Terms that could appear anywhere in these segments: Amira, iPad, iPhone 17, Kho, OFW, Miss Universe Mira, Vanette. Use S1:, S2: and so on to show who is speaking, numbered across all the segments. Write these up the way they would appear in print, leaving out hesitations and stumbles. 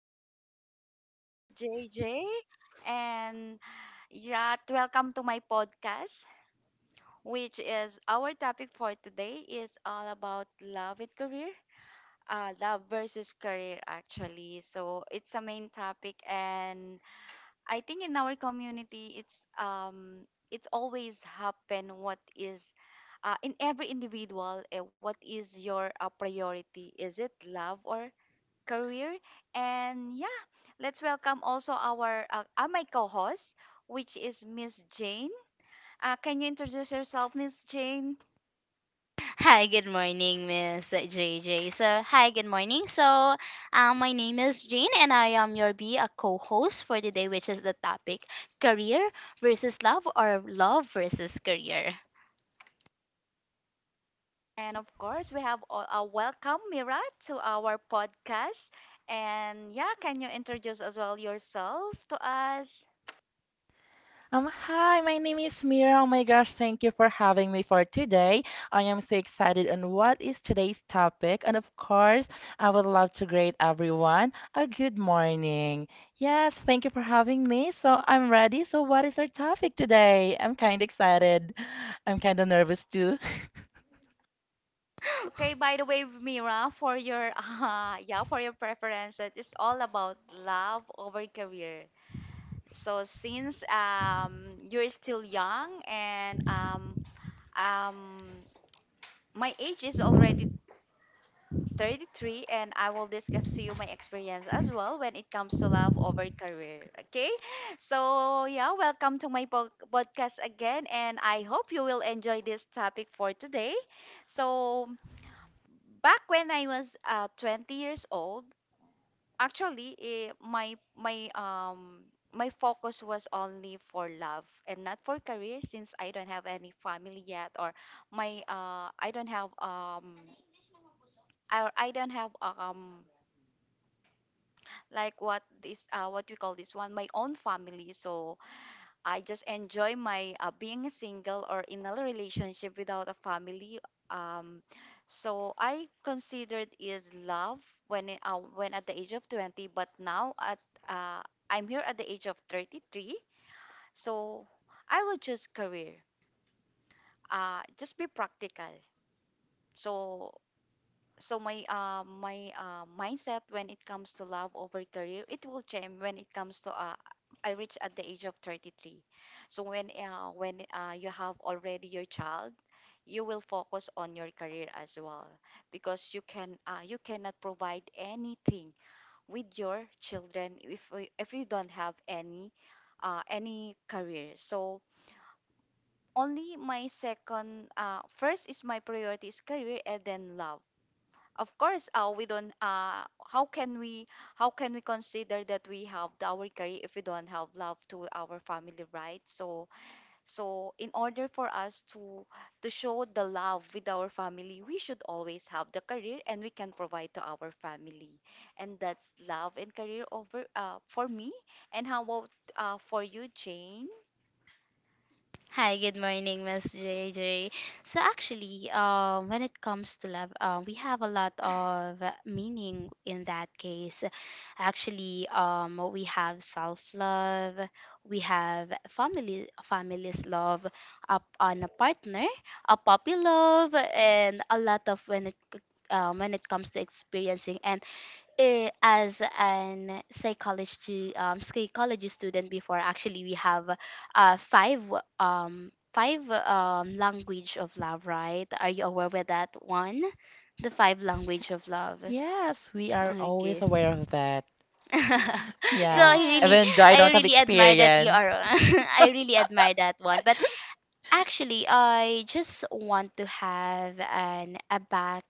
S1: Hi, this is JJ, and yeah, welcome to my podcast, which is our topic for today is all about love and career. Love versus career, actually. So it's a main topic, and I think in our community, it's always happen what is in every individual, what is your priority? Is it love or career. And yeah, let's welcome also our my co-host, which is Miss Jane. Can you introduce yourself, Miss Jane?
S2: Hi, good morning, Miss JJ. Good morning. So, my name is Jane, and I am your be a co-host for today, which is the topic career versus love, or love versus career.
S1: And of course, we have a welcome Mira to our podcast. And yeah, can you introduce as well yourself to us?
S3: Hi, my name is Mira. Oh my gosh, thank you for having me for today. I am so excited on what is today's topic. And of course, I would love to greet everyone a good morning. Yes, thank you for having me. So I'm ready. So what is our topic today? I'm kind of excited. I'm kind of nervous too.
S1: Okay, by the way, Mira, for your yeah, for your preference, that is all about love over career. So since you're still young and Um, my age is already 33, and I will discuss to you my experience as well when it comes to love over career. Okay, so yeah, welcome to my podcast again, and I hope you will enjoy this topic for today. So, back when I was 20 years old, actually my focus was only for love and not for career since I don't have any family yet or my I don't have like what this what we call this one my own family so I just enjoy my being single or in a relationship without a family. Um, so I considered is love when at the age of 20, but now at uh, I'm here at the age of 33. So I will choose career. Just be practical. So so my my mindset when it comes to love over career it will change when it comes to I reach at the age of 33, so when you have already your child you will focus on your career as well because you cannot provide anything with your children if you don't have any any career. So only my second first is my priority is career and then love. Of course we don't how can we how can we consider that we have our career if we don't have love to our family, right? So so in order for us to show the love with our family we should always have the career and we can provide to our family, and that's love and career over for me. And how about for you, Jane?
S2: Hi, good morning, Miss JJ. So actually, when it comes to love, we have a lot of meaning in that case. Actually, we have self-love, we have family's love, up on a partner, a puppy love, and a lot of when it comes to experiencing and as an psychology psychology student. Before, actually, we have uh, five five language of love, right? Are you aware with that one, the five language of love?
S3: Yes, we are always
S2: Okay.
S3: aware of that.
S2: so
S3: Yeah,
S2: i really
S1: Yes.
S3: even though I
S2: I
S3: don't
S1: Uh,
S3: have
S2: really admire that you
S3: experience.
S2: are, I really admire that one, but actually, I just want to have an a back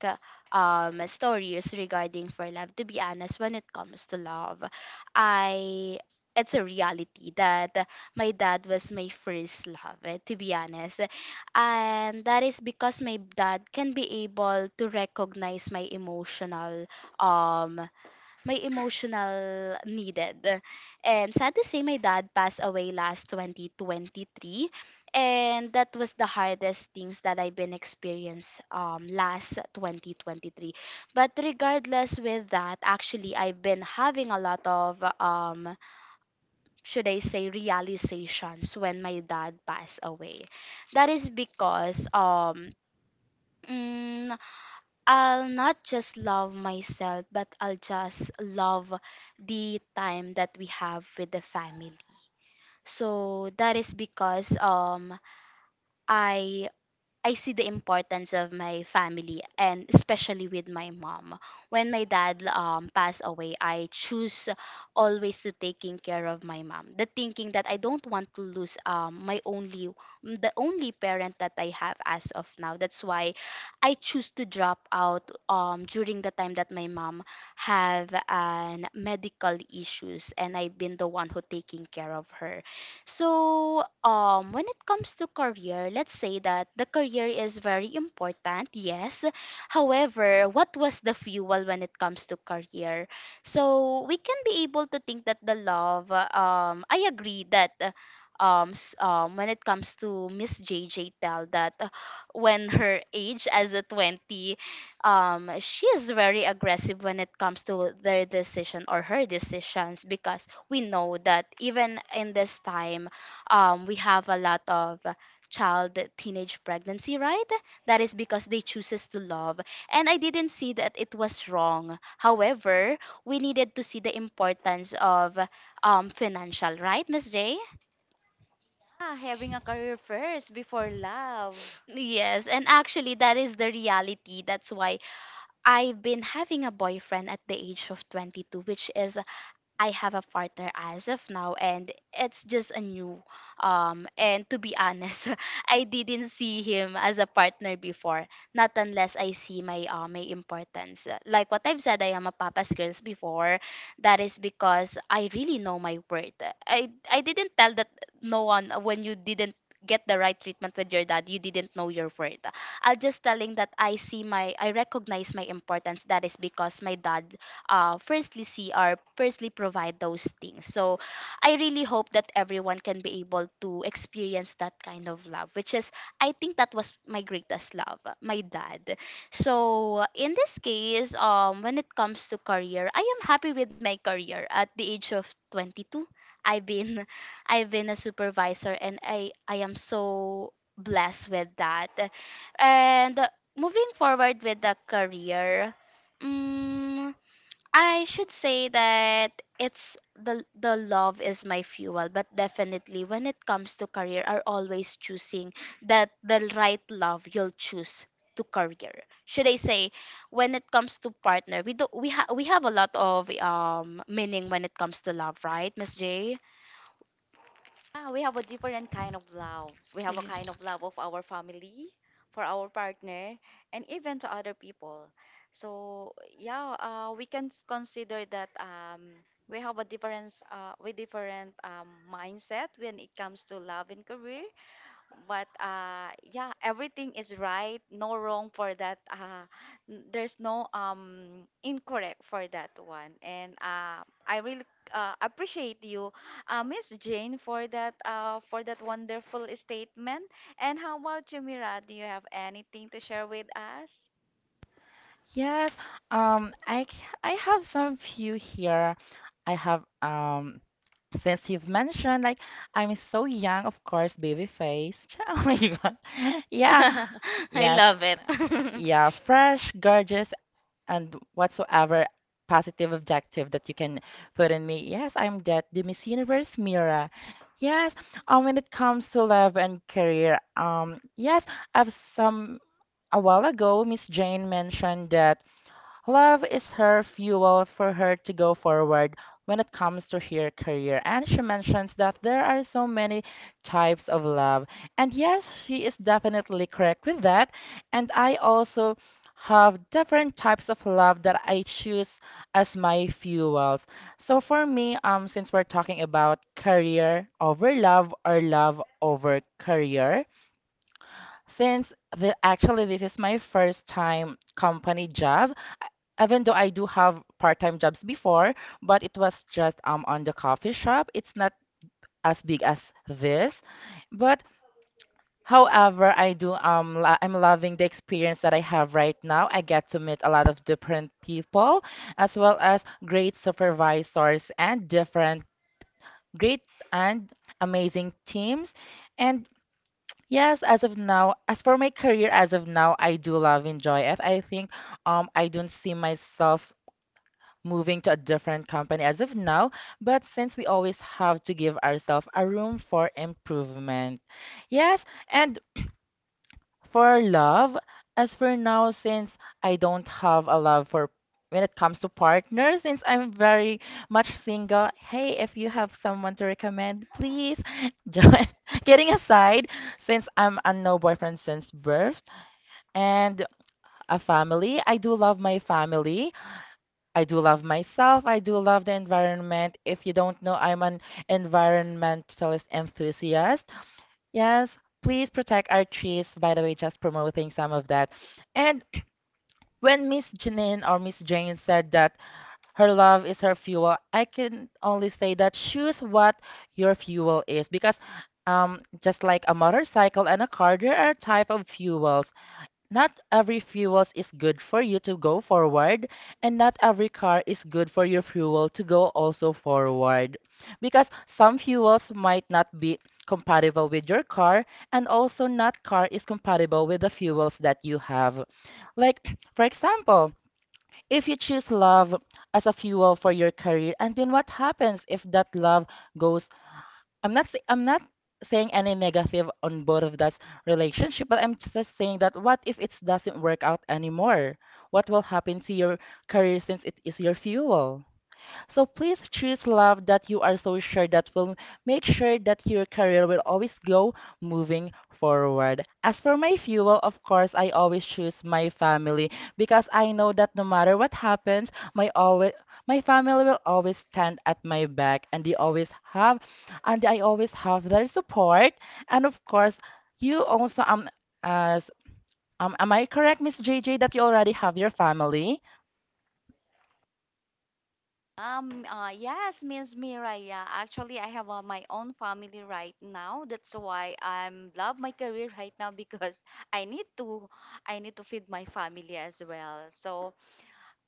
S2: stories regarding for love. To be honest, when it comes to love, I it's a reality that my dad was my first love, to be honest. And that is because my dad can be able to recognize my emotional, um my emotional needed. And sad to say, my dad passed away last 2023. And that was the hardest things that I've been experienced, last 2023. But regardless with that, actually, I've been having a lot of, should I say, realizations when my dad passed away. That is because mm, I'll not just love myself, but I'll just love the time that we have with the family. So that is because I I see the importance of my family, and especially with my mom. When my dad passed away, I choose always to taking care of my mom. The thinking that I don't want to lose my only the only parent that I have as of now. That's why I choose to drop out during the time that my mom have an medical issues, and I've been the one who taking care of her. So, when it comes to career, let's say that the career is very important, yes. However, what was the fuel when it comes to career? So, we can be able to think that the love, I agree that. When it comes to Miss JJ tell that when her age as a 20, she is very aggressive when it comes to their decision or her decisions, because we know that even in this time, we have a lot of child teenage pregnancy, right? That is because they chooses to love. And I didn't see that it was wrong. However, we needed to see the importance of financial, right, Miss J?
S1: ah, having a career first before love.
S2: Yes, and actually that is the reality. That's why I've been having a boyfriend at the age of 22, which is I have a partner as of now, and it's just a new. And to be honest, I didn't see him as a partner before, not unless I see my my importance. Like what I've said, I am a papa's girls before. That is because I really know my worth. I didn't tell that no one. When you didn't get the right treatment with your dad, you didn't know your worth. I'll just telling that I recognize my importance. That is because my dad firstly see, or firstly provide those things. So I really hope that everyone can be able to experience that kind of love, which is, I think that was my greatest love, my dad. So in this case, when it comes to career, I am happy with my career at the age of 22. I've been I've been a supervisor, and I am so blessed with that. And moving forward with the career, mm I should say that it's the love is my fuel. But definitely, when it comes to career, are always choosing that the right love you'll choose to career. Should I say, when it comes to partner, we have a lot of meaning when it comes to love, right, Miss J?
S1: Ah, we have a different kind of love. We have a kind of love of our family, for our partner, and even to other people. So yeah, we can consider that we have a difference, we different mindset when it comes to love and career, but yeah everything is right no wrong for that there's no incorrect for that one. And I really appreciate you, Miss Jane, for that for that wonderful statement. And how about you, Mira, do you have anything to share with us?
S3: Yes, um, I c- I have some few here. I have since you've mentioned, like I'm so young, of course, baby face. Oh my God, yeah,
S2: Yeah. I
S3: yes,
S2: love it.
S3: yeah, fresh, gorgeous, and whatsoever positive objective that you can put in me. Yes, I'm that, the Miss Universe Mira. Yes, when it comes to love and career, yes, I've some a while ago, Miss Jane mentioned that. Love is her fuel for her to go forward when it comes to her career. And she mentions that there are so many types of love. And yes, she is definitely correct with that. And I also have different types of love that I choose as my fuels. So for me, since we're talking about career over love or love over career, actually this is my first time company job, even though I do have part-time jobs before, but it was just on the coffee shop. It's not as big as this, but however, I do I'm loving the experience that I have right now. I get to meet a lot of different people, as well as great supervisors and different great and amazing teams. And yes, as of now, as for my career, as of now, I do love enjoy it. I think I don't see myself moving to a different company as of now, but since we always have to give ourselves a room for improvement. Yes, and for love, as for now, since I don't have a love for when it comes to partners, since I'm very much single, hey, if you have someone to recommend, please join. Getting aside, since I'm a no boyfriend since birth and a family, I do love my family. I do love myself. I do love the environment. If you don't know, I'm an environmentalist enthusiast. Yes, please protect our trees. By the way, just promoting some of that. And when Miss Janine or Miss Jane said that her love is her fuel, I can only say that choose what your fuel is because just like a motorcycle and a car, there are type of fuels. Not every fuels is good for you to go forward, and not every car is good for your fuel to go also forward. Because some fuels might not be compatible with your car, and also not car is compatible with the fuels that you have. Like, for example, if you choose love as a fuel for your career, and then what happens if that love goes— I'm not saying any negative on both of that relationship, but I'm just saying that what if it doesn't work out anymore? What will happen to your career since it is your fuel? So please choose love that you are so sure that will make sure that your career will always go moving forward. As for my fuel, of course, I always choose my family because I know that no matter what happens, my family will always stand at my back and they always have and I always have their support. And of course, you also as am I correct, Miss JJ, that you already have your family?
S1: Yes, Miss Mira. Yeah, actually, I have my own family right now. That's why I'm love my career right now because I need to, I need to feed my family as well. So,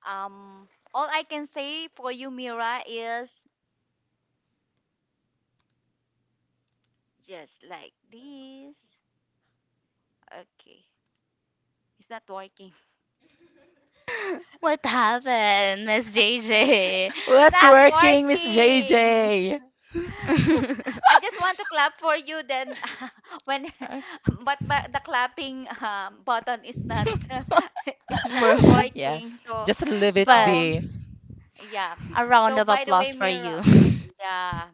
S1: um, all I can say for you, Mira, is just like this. Okay, it's not working.
S2: What happened, Miss JJ?
S1: It's
S3: What's
S1: not
S2: Actually,
S3: working, Miss
S1: working.
S3: JJ?
S1: I just want to clap for you. Then, when, but the clapping button is not. It's not
S3: Yeah,
S1: working. So,
S3: just leave it
S2: but
S1: so
S3: be.
S1: yeah.
S2: a round
S1: So
S2: of
S1: by the
S2: applause
S1: way,
S2: for
S1: Mira,
S2: you.
S1: yeah.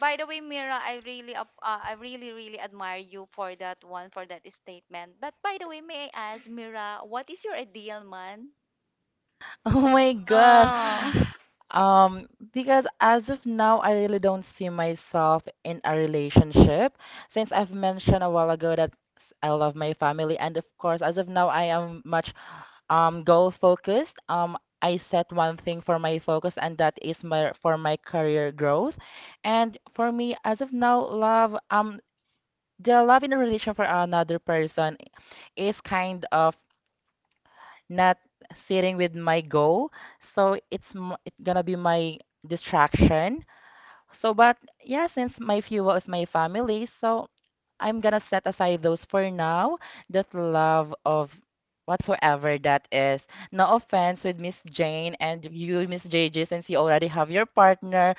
S1: By the way, Mira, I really, I really, really admire you for that one, for that statement. But by the way, may I ask, Mira, what is your ideal man?
S3: Oh my gosh.
S2: Oh.
S3: Um, because as of now, I really don't see myself in a relationship since I've mentioned a while ago that I love my family, and of course, as of now, I am much goal focused. I set one thing for my focus, and that is my for my career growth. And for me, as of now, love the love in a relation for another person is kind of not sitting with my goal. So it's gonna be my distraction. So, but yeah, since my fuel is my family, so I'm gonna set aside those for now. That love of whatsoever that is. No offense with Miss Jane and you, Miss JJ, since you already have your partner.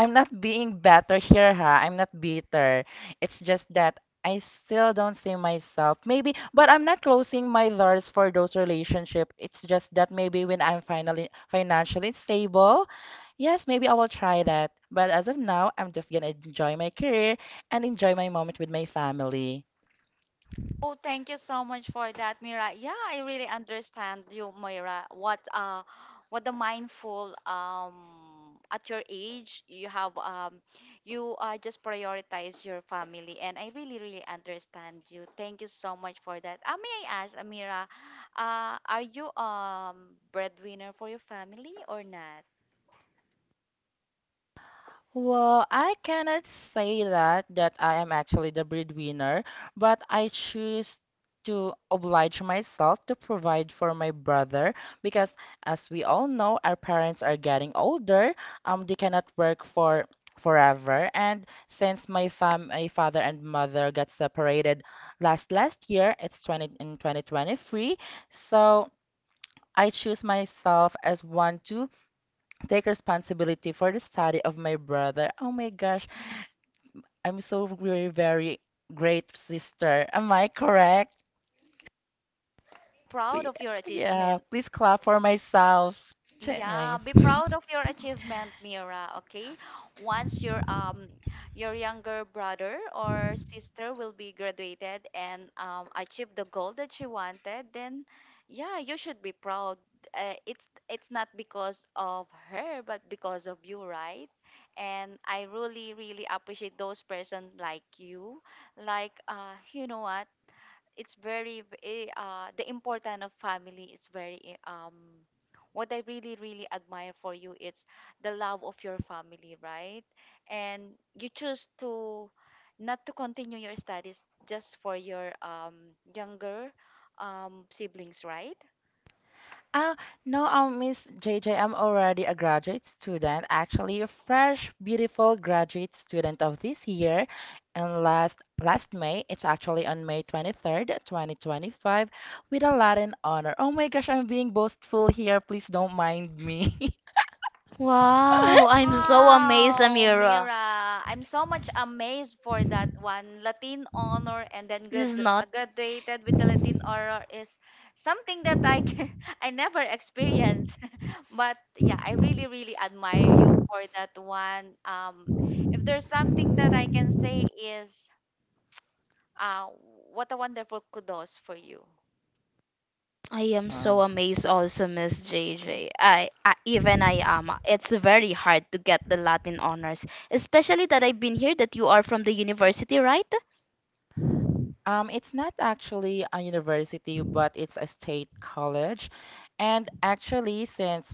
S3: I'm not being better here, ha. I'm not bitter. It's just that I still don't see myself. Maybe, but I'm not closing my doors for those relationship. It's just that maybe when I'm finally financially stable, yes, maybe I will try that. But as of now, I'm just gonna enjoy my career and enjoy my moment with my family.
S1: Oh, thank you so much for that, Mira. Yeah, I really understand you, Mira. What the mindful at your age you have you just prioritize your family, and I really really understand you. Thank you so much for that. May I ask, Amira, are you breadwinner for your family or not?
S3: Well, I cannot say that I am actually the breadwinner, but I choose to oblige myself to provide for my brother because as we all know, our parents are getting older. They cannot work for forever. And since my father and mother got separated last last year, it's 20 in 2023. So I choose myself as one to take responsibility for the study of my brother. Oh my gosh, I'm so very, very great sister. Am I correct?
S1: Proud
S3: P-
S1: of your
S3: Yeah,
S1: achievement.
S3: please clap for myself.
S1: Yeah,
S3: Yes.
S1: be proud of your achievement, Mira, okay? Once your your younger brother or sister will be graduated and achieve the goal that she wanted, then yeah, you should be proud. It's not because of her, but because of you, right? And I really really appreciate those person like you. Like you know what? It's very the importance of family is very what I really really admire for you it's the love of your family, right? And you choose to not to continue your studies just for your younger siblings, right?
S3: Ah, no, Miss JJ, I'm already a graduate student, actually a fresh, beautiful graduate student of this year. And last last May, it's actually on May 23rd, 2025, with a Latin honor. Oh my gosh, I'm being boastful here. Please don't mind me.
S2: Wow, I'm so amazed,
S1: Wow,
S2: Amira.
S1: Mira, I'm so much amazed for that one. Latin honor and then
S2: This is
S1: grad
S2: not.
S1: graduated with the Latin honor is something that I can I never experienced. But yeah, I really, really admire you for that one. If there's something that I can say is, uh, what a wonderful kudos for you.
S2: I am so
S3: Oh.
S2: amazed also, Miss JJ. I Even I am. It's very hard to get the Latin honors, especially that I've been here that you are from the university, right?
S3: It's not actually a university, but it's a state college. And actually, since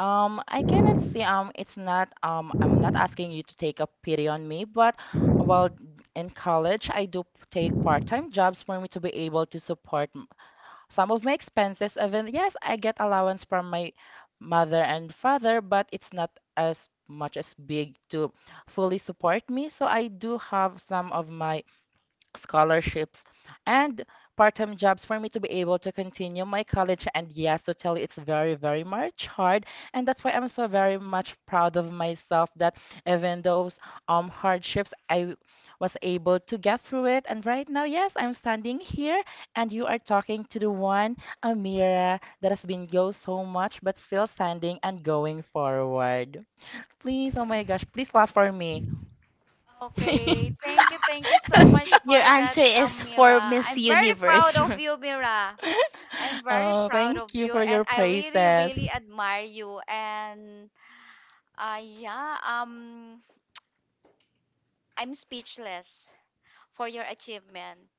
S3: I cannot see, it's not, I'm not asking you to take a pity on me, but while in college, take part-time jobs for me to be able to some of my expenses. Even yes, I get allowance from my mother and father, but it's not as much as big to fully support me. So I do have some of my scholarships, and part-time jobs for me to be able to continue my college. And yes, to tell you, it's very, very much hard, and that's why I'm so very much proud of myself that even those hardships, I was able to get through it. And right now, yes, I'm standing here, and you are talking to the one Amira that has been go so much, but still standing and going forward. Please, oh my gosh, please clap for me.
S1: Okay, thank you so much
S2: Your
S1: for that,
S2: answer is for
S1: Mira.
S2: Miss
S1: I'm very proud
S2: Universe.
S1: of you, Mira. I'm very
S3: Oh,
S1: proud of
S3: thank you
S1: you,
S3: for
S1: and
S3: your
S1: I really,
S3: praises.
S1: really admire you. And yeah, I'm speechless for your achievement.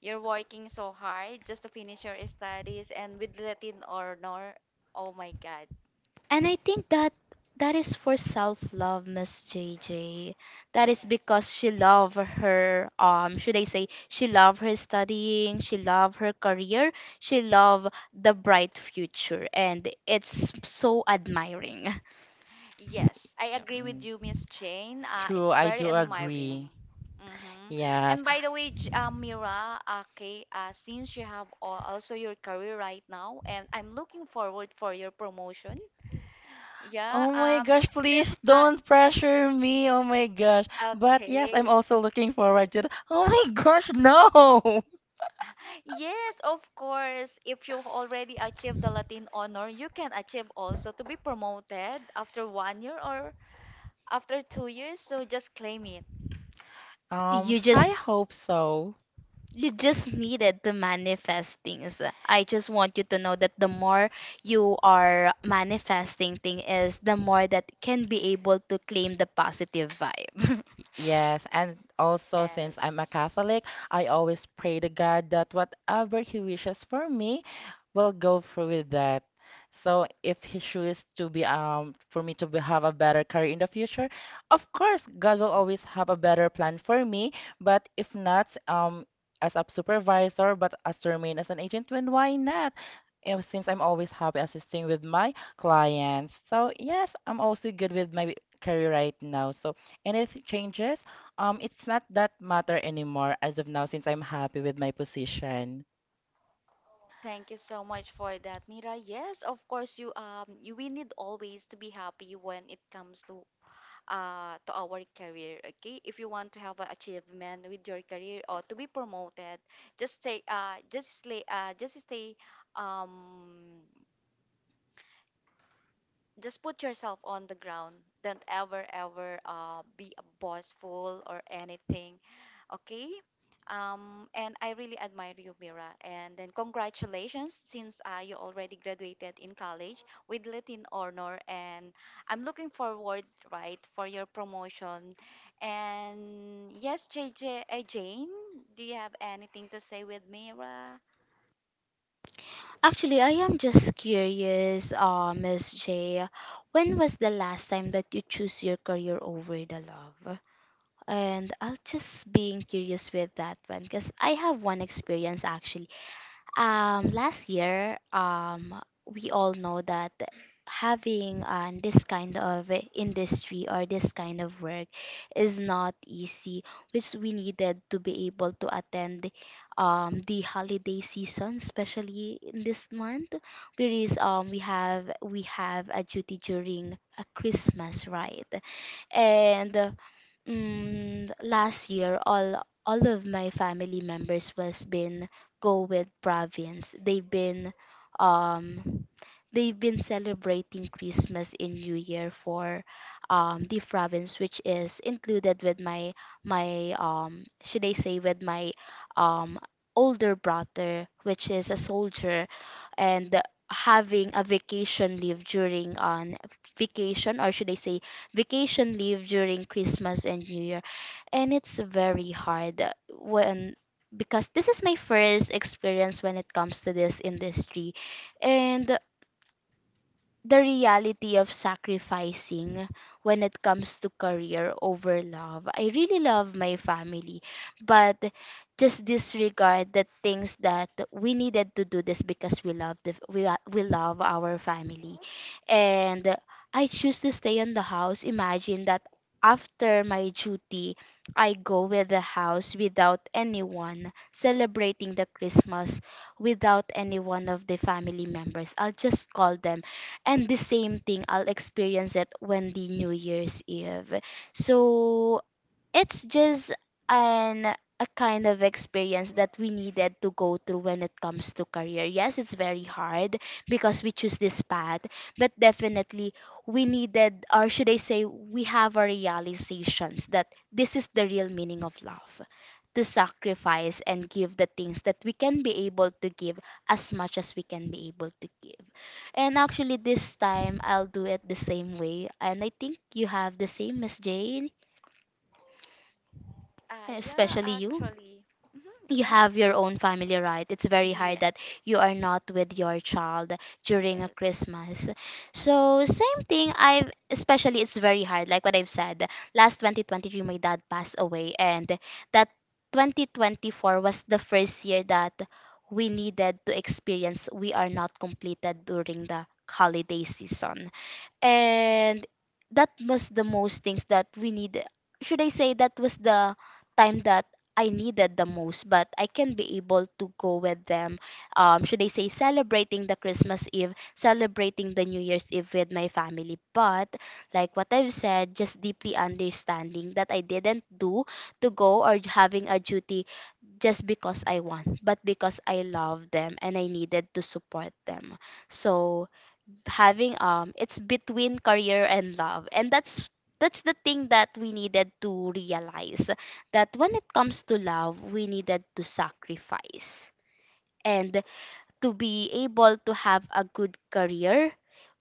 S1: You're working so hard just to finish your studies and with Latin honor. Oh my God.
S2: And I think that is for self love, Miss JJ. That is because she loved her should I say, she loved her studying, she loved her career, she loved the bright future, and it's so admiring.
S1: Yes, I
S3: Yeah,
S1: agree with you, Miss Jane.
S3: true,
S1: It's
S3: I
S1: very
S3: do
S1: admiring.
S3: agree.
S1: Mm-hmm.
S3: Yes.
S1: And by the way, Mira, okay, since you have also your career right now, and I'm looking forward for your promotion. Yeah.
S3: Oh my gosh,
S1: Just
S3: please don't pressure me. Oh my gosh. But yes, I'm
S1: okay.
S3: also looking forward to the— Oh my gosh, no.
S1: Yes, of course. If you already achieved the Latin honor, you can achieve also to be promoted after one year or after two years. So just claim it.
S2: You
S3: I
S2: just
S3: hope so.
S2: you just needed to manifest things. I just want you to know that the more you are manifesting thing is the more that can be able to claim the positive vibe.
S3: Yes, and also since
S1: Yes.
S3: I'm a Catholic, I always pray to God that whatever He wishes for me will go through with that. So if He chooses to be for me to be, have a better career in the future, of course God will always have a better plan for me. But if not, as a supervisor, but as to remain as an agent, then why not? Eh, since I'm always happy assisting with my clients. So yes, I'm also good with my career right now. So and if it changes, it's not that matter anymore as of now since I'm happy with my position.
S1: Thank you so much for that, Mira. Yes, of course. You you, we need always to be happy when it comes to our career. Okay, if you want to have an achievement with your career or to be promoted, just stay um just put yourself on the ground. Don't ever, ever be a bossful or anything. Okay? And I really admire you, Mira. And then congratulations, since you already graduated in college with Latin honor. And I'm looking forward, right, for your promotion. And yes, Jane, do you have anything to say with Mira?
S2: Actually, I am just curious, Miss J. When was the last time that you choose your career over the love? And I'll just being curious with that one because I have one experience actually. Last year, we all know that having this kind of industry or this kind of work is not easy, which we needed to be able to attend the holiday season, especially in this month, whereas we have a duty during a Christmas, right? And last year all of my family members was been go with province. They've been um they've been celebrating christmas in new year for the province, which is included with my my should I say with my um older brother, which is a soldier and having a vacation leave during on vacation, or should I say vacation leave during Christmas and New Year. And it's very hard when, because this is my first experience when it comes to this industry. And the reality of sacrificing when it comes to career over love. I really love my family, but just disregard the things that we needed to do this, because we love the, we love our family, and I choose to stay in the house. Imagine that after my duty, I go with the house without anyone celebrating the Christmas, without any one of the family members. I'll just call them, and the same thing I'll experience it when the New Year's Eve. So it's just an a kind of experience that we needed to go through when it comes to career. Yes, it's very hard because we choose this path. But definitely, we needed, or should I say, we have our realizations that this is the real meaning of love, to sacrifice and give the things that we can be able to give, as much as we can be able to give. And actually this time I'll do it the same way, and I think you have the same, Miss Jane,
S1: Yeah,
S2: especially you,
S1: actually. Hmm,
S2: you
S1: yeah.
S2: have your own family, right? It's very hard that
S1: Yes.
S2: you are not with your child during a
S1: Yes.
S2: christmas. So same thing i've, especially it's very hard, like what I've said, last 2023 my dad passed away, and that 2024 was the first year that we needed to experience we are not completed during the holiday season. And that was the most things that we need, should I say that was the time that I needed the most, but I can be able to go with them. Should I say, celebrating the Christmas Eve, celebrating the New Year's Eve with my family. But like what I've said, just deeply understanding that I didn't do to go or having a duty just because I want, but because I love them, and I needed to support them. So having it's between career and love, and that's the thing that we needed to realize, that when it comes to love we needed to sacrifice, and to be able to have a good career,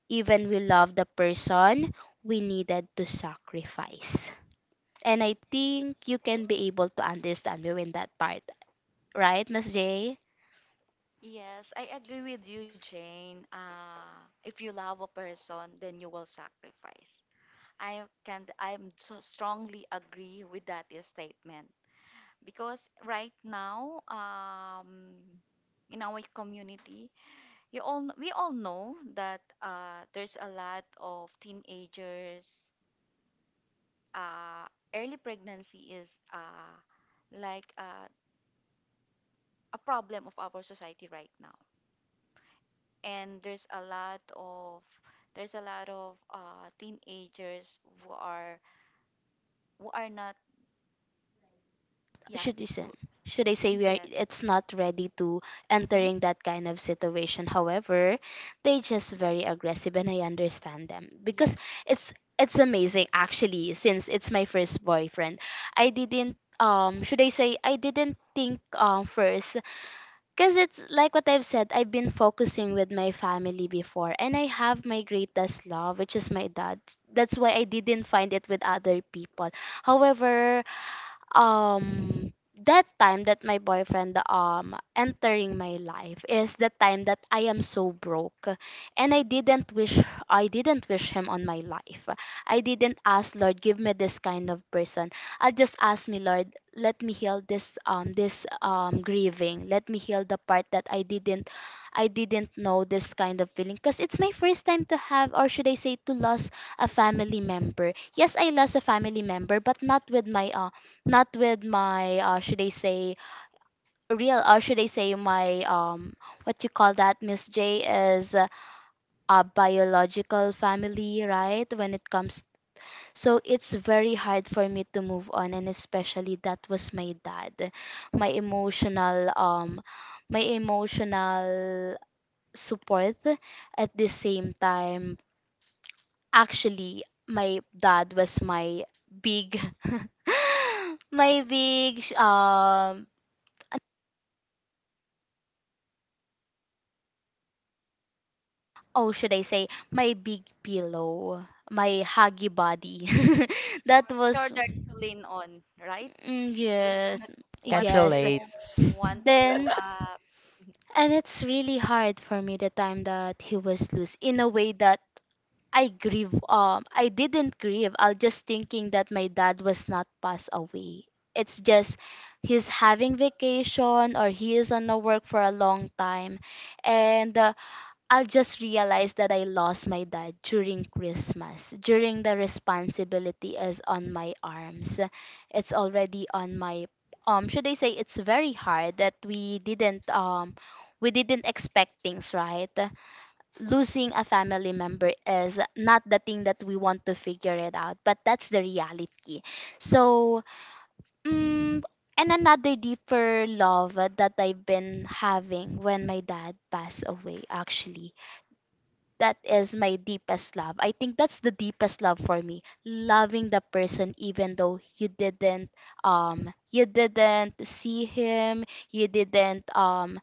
S2: even we love the person, we needed to sacrifice. And I think you can be able to understand me in that part, right, Miss J?
S1: Yes, I agree with you, Jane. If you love a person, then you will sacrifice. I'm so strongly agree with that statement because right now, in our community, you all we all know that there's a lot of teenagers. Uh, Early pregnancy is like uh, a problem of our society right now. And there's a lot of teenagers who are not, yeah.
S2: should you say
S1: w-
S2: should I say, we are,
S1: yes.
S2: it's not ready to
S1: Mm-hmm.
S2: entering that kind of situation. However, they just very aggressive, and I understand them because
S1: Yes,
S2: it's it's amazing actually, since it's my first boyfriend. I didn't should I say, I didn't think first, because it's like what I've said, I've been focusing with my family before, and I have my greatest love, which is my dad. That's why I didn't find it with other people. However, um that time that my boyfriend entering my life is the time that I am so broke, and I didn't wish him on my life. I didn't ask Lord give me this kind of person. I just asked me Lord let me heal this this grieving. Let me heal the part that I didn't know this kind of feeling because it's my first time to have, or should I say to lose, a family member. Yes, I lost a family member, but not with my should I say real, or should I say my what you call that, Miss J, is a biological family, right, when it comes. So it's very hard for me to move on, and especially that was my dad, my emotional um my emotional support at the same time. Actually my dad was my big my big oh, should I say, my big pillow, my huggy body. That was,
S1: shoulder to lean on, right? Is
S2: yes.
S1: that
S3: Can't
S1: what
S2: Yes.
S1: you
S3: relate.
S1: want
S2: Then,
S1: to
S2: and it's really hard for me the time that he was loose in a way that I didn't grieve. I'll just thinking that my dad was not passed away. It's just he's having vacation, or he is on a work for a long time. And I'll just realize that I lost my dad during Christmas, during the responsibility is on my arms. It's already on my should I say, it's very hard that we didn't expect things, right? Losing a family member is not the thing that we want to figure it out, but that's the reality. So, mm, and another deeper love that I've been having when my dad passed away actually, that is my deepest love. I think that's the deepest love for me. Loving the person even though you didn't see him, you didn't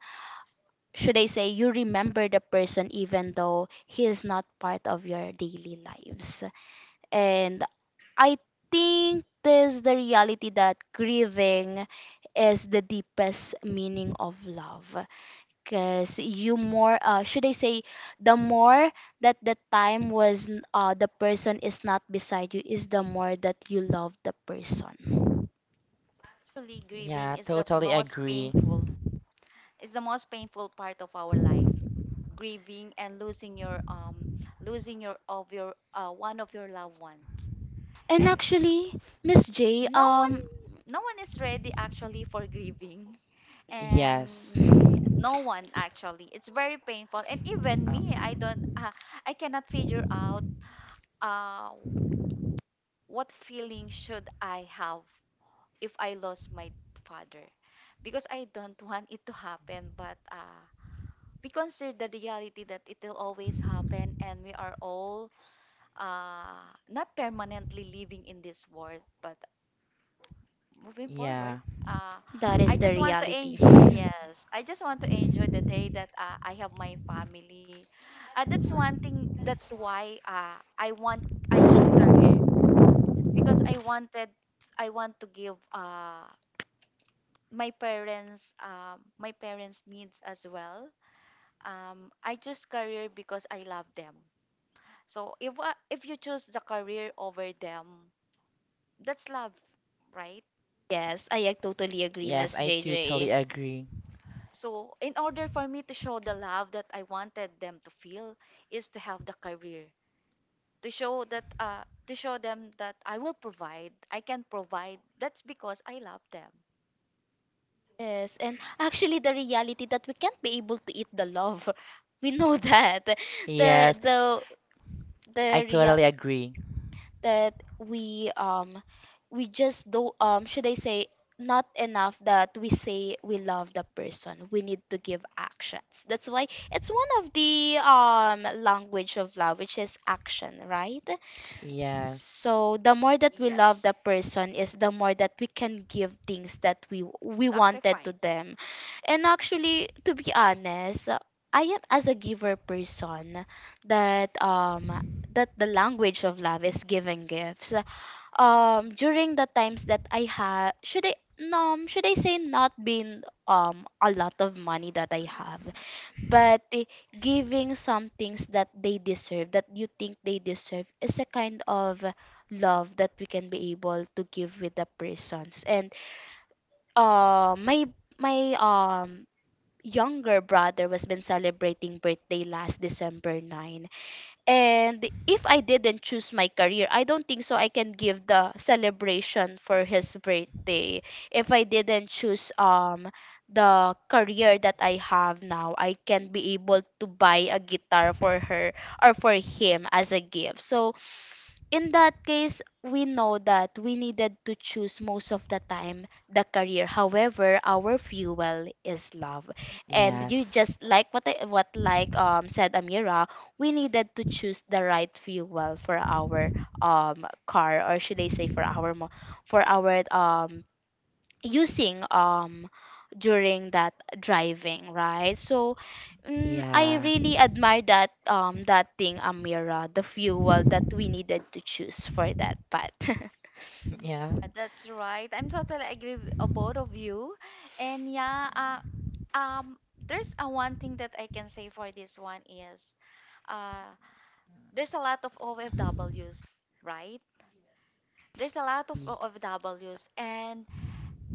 S2: should I say, you remember the person even though he is not part of your daily lives. And I think this is the reality that grieving is the deepest meaning of love because you more should I say, the more, that the time was n- the person is not beside you, is the more that you love the person.
S1: actually grieving
S3: Yeah,
S1: is the
S3: totally
S1: most
S3: agree.
S1: painful is the most painful part of our life, grieving and losing your of your one of your loved ones.
S2: And
S1: And
S2: actually, Miss J,
S1: no one no one is ready actually for grieving.
S3: Yes.
S1: And yeah, no one, actually it's very painful, and even
S3: Um,
S1: me I cannot figure out uh what feeling should I have if I lost my father, because I don't want it to happen, but we consider the reality that it will always happen and we are all uh, not permanently living in this world, but moving forward.
S3: yeah.
S1: uh
S2: that is
S1: I
S2: the
S1: just want to
S2: reality.
S1: enjoy, yes, I just want to enjoy the day that I have my family. That's one thing. That's why I want I choose career because I wanted I want to give my parents needs as well. I choose career because I love them. So if you choose the career over them, that's love, right?
S2: Yes, I totally agree,
S3: Yes,
S2: Miss
S3: I
S2: J
S3: totally
S2: J.
S3: agree.
S1: So, in order for me to show the love that I wanted them to feel, is to have the career to show that to show them that I will provide, I can provide. That's because I love them.
S2: Yes, and actually the reality that we can't be able to eat the love. We know that. The
S3: Yes,
S2: the
S3: I
S2: the real
S3: totally agree.
S2: that we just do should I say, not enough that we say we love the person. We need to give actions. That's why it's one of the language of love, which is action, right?
S3: Yes.
S2: So the more that we
S1: Yes,
S2: love the person is the more that we can give things that we wanted to
S1: sacrifice.
S2: them. And actually, to be honest, I am as a giver person that um that the language of love is giving gifts. During the times that I have, should I, no, should I say not been a lot of money that I have, but giving some things that they deserve, that you think they deserve, is a kind of love that we can be able to give with the persons. And my my um younger brother was been celebrating birthday last December 9, and if I didn't choose my career, I don't think so I can give the celebration for his birthday. If I didn't choose the career that I have now, I can be able to buy a guitar for her, or for him, as a gift. So in that case, we know that we needed to choose most of the time the career. However, our fuel is love, and you,
S3: Yes.
S2: just like what I, what like said Amira, we needed to choose the right fuel for our car, or should I say for our for our using during that driving, right? So, I
S3: Yeah.
S2: really admire that that thing, Amira, the fuel that we needed to choose for that part.
S3: Yeah.
S1: That's right. I'm totally agree with both of you, and yeah, um, there's a one thing that I can say for this one is uh, there's a lot of OFWs, right? There's a lot of
S3: Ye-
S1: OFWs, and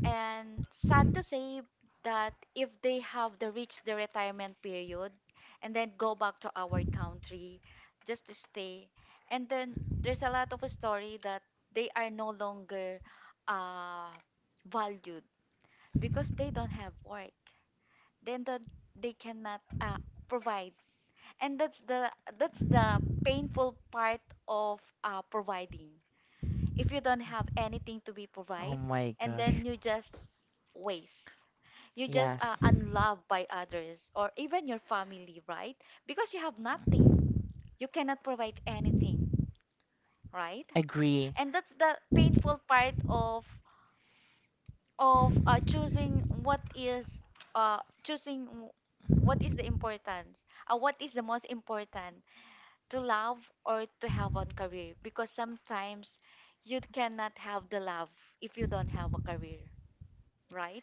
S1: And sad to say that if they have the reached the retirement period and then go back to our country just to stay. And then there's a lot of a story that they are no longer uh, valued because they don't have work. Then the, they cannot provide. And that's the painful part of providing if you don't have anything to be
S3: Oh
S1: provide,
S3: my
S1: and
S3: gosh.
S1: then you just waste, you just
S3: Yes.
S1: unloved by others or even your family, right? Because you have nothing, you cannot provide anything, right?
S3: Agree.
S1: And that's the painful part of choosing what is uh choosing w- what is the importance, what is the most important, to love or to have one career, because sometimes you cannot have the love if you don't have a career, right?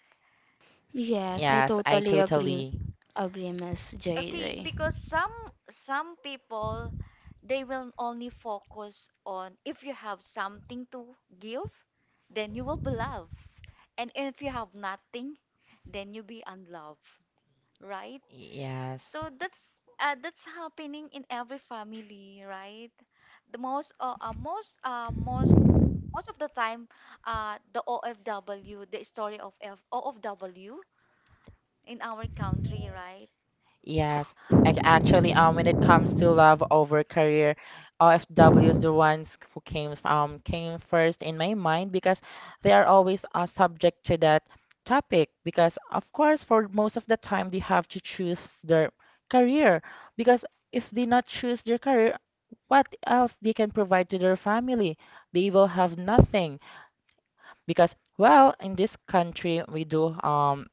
S2: Yes, I
S3: Yes, I
S2: totally agree
S3: totally.
S2: agree Miss J
S1: Okay,
S2: J.
S1: because some people, they will only focus on if you have something to give, then you will be loved. And if you have nothing, then you be unloved, right?
S3: Yes.
S1: So that's happening in every family, right? The most most most most of the time, the OFW, the story of FOFW in our country, right?
S3: Yes, actually, when it comes to love over career, OFW is the ones who came came first in my mind because they are always subject to that topic. Because of course, for most of the time, they have to choose their career because if they not choose their career, what else they can provide to their family? They will have nothing because well, in this country, we do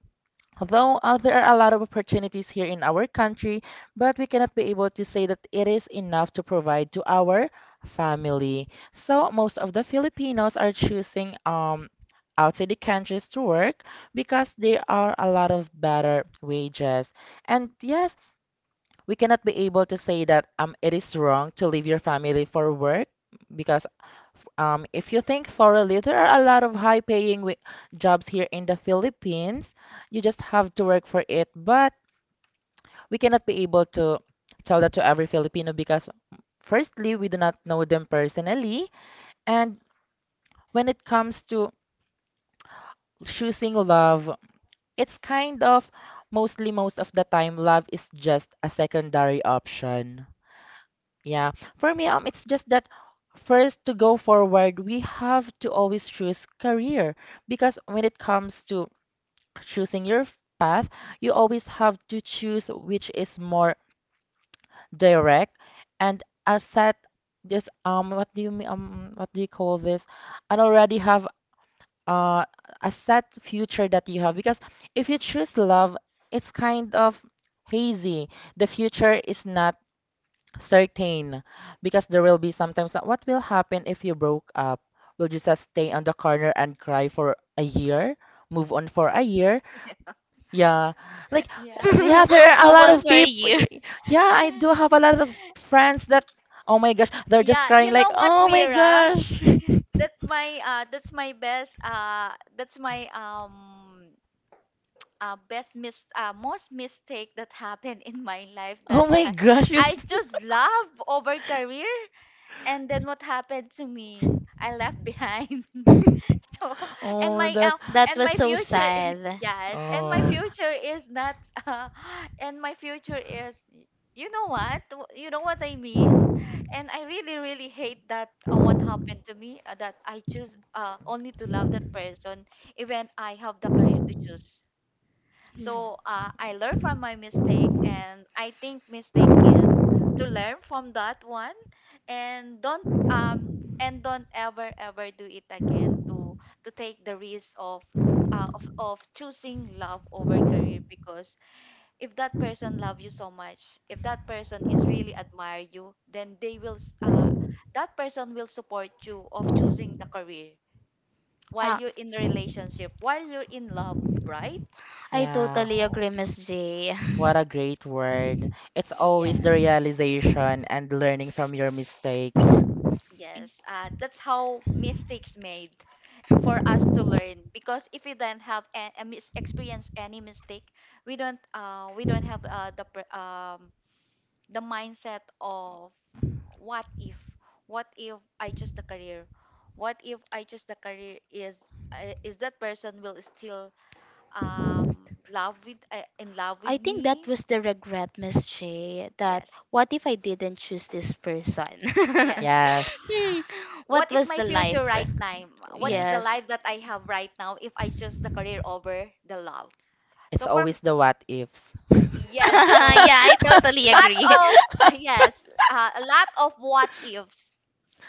S3: though there are a lot of opportunities here in our country, but we cannot be able to say that it is enough to provide to our family. So most of the Filipinos are choosing outside the countries to work because there are a lot of better wages. And yes, we cannot be able to say that it is wrong to leave your family for work because if you think thoroughly, there are a lot of high paying jobs here in the Philippines. You just have to work for it. But we cannot be able to tell that to every Filipino because, firstly, we do not know them personally. And when it comes to choosing love, it's kind of most of the time, love is just a secondary option. Yeah, for me, it's just that first to go forward, we have to always choose career because when it comes to choosing your path, you always have to choose which is more direct and a set just what do you mean what do you call this? And already have uh a set future that you have because if you choose love, it's kind of hazy. The future is not certain because there will be sometimes that what will happen if you broke up? Will you just stay on the corner and cry for a year? Move on for a year? Yeah. Like
S1: Yeah.
S3: yeah, there are a
S2: Move
S3: lot
S2: on
S3: of
S2: for a
S3: people.
S2: year.
S3: Yeah, I do have a lot of friends that oh my gosh, they're just
S1: Yeah,
S3: crying
S1: you
S3: like,
S1: know what,
S3: "Oh my
S1: Mira?
S3: gosh.
S1: That's my uh that's my best uh that's my best mis most mistake that happened in my life,
S3: Oh
S1: that
S3: my gosh."
S1: I chose love over career. And then what happened to me? I left behind. So, and
S3: Oh,
S1: my
S3: that.
S1: uh,
S2: That
S1: and
S2: was
S1: my
S2: so
S1: future
S2: sad.
S1: yes, and my
S3: Oh.
S1: future is not uh, and my future is you know what, you know what I mean. And I really really hate that, what happened to me, that I choose only to love that person even I have the career to choose. So
S2: Yeah.
S1: I learn from my mistake, and I think mistake is to learn from that one, and don't ever ever do it again to take the risk of choosing love over career. Because if that person love you so much, if that person is really admire you, then they will that person will support you of choosing the career while
S2: Ah.
S1: you're in a relationship, while you're in love, right?
S2: I
S3: Yeah.
S2: totally
S1: So
S2: agree, Miss J.
S3: What a great word. It's always the
S1: yes,
S3: realization and learning from your mistakes.
S1: yes. That's how mistakes made for us to learn. Because if we don't have experience any mistake, we don't have the the mindset of what if, what if I choose the career, what if I choose the career, is that person will still love with in love with
S2: I think that
S1: me?
S2: was the regret, Miss J, that
S1: Yes,
S2: what if I didn't choose this person?
S1: yes,
S3: Yes.
S2: Hmm, what
S1: what is
S2: was
S1: my
S2: the life?
S1: future right now? What
S3: Yeah.
S1: is the
S2: Yes.
S1: life that I have right now if I choose the career over the love?
S3: It's
S1: So from
S3: always the what ifs.
S1: yes, so
S2: Yeah, I totally
S1: lots
S2: agree.
S1: of yes, a lot of what ifs.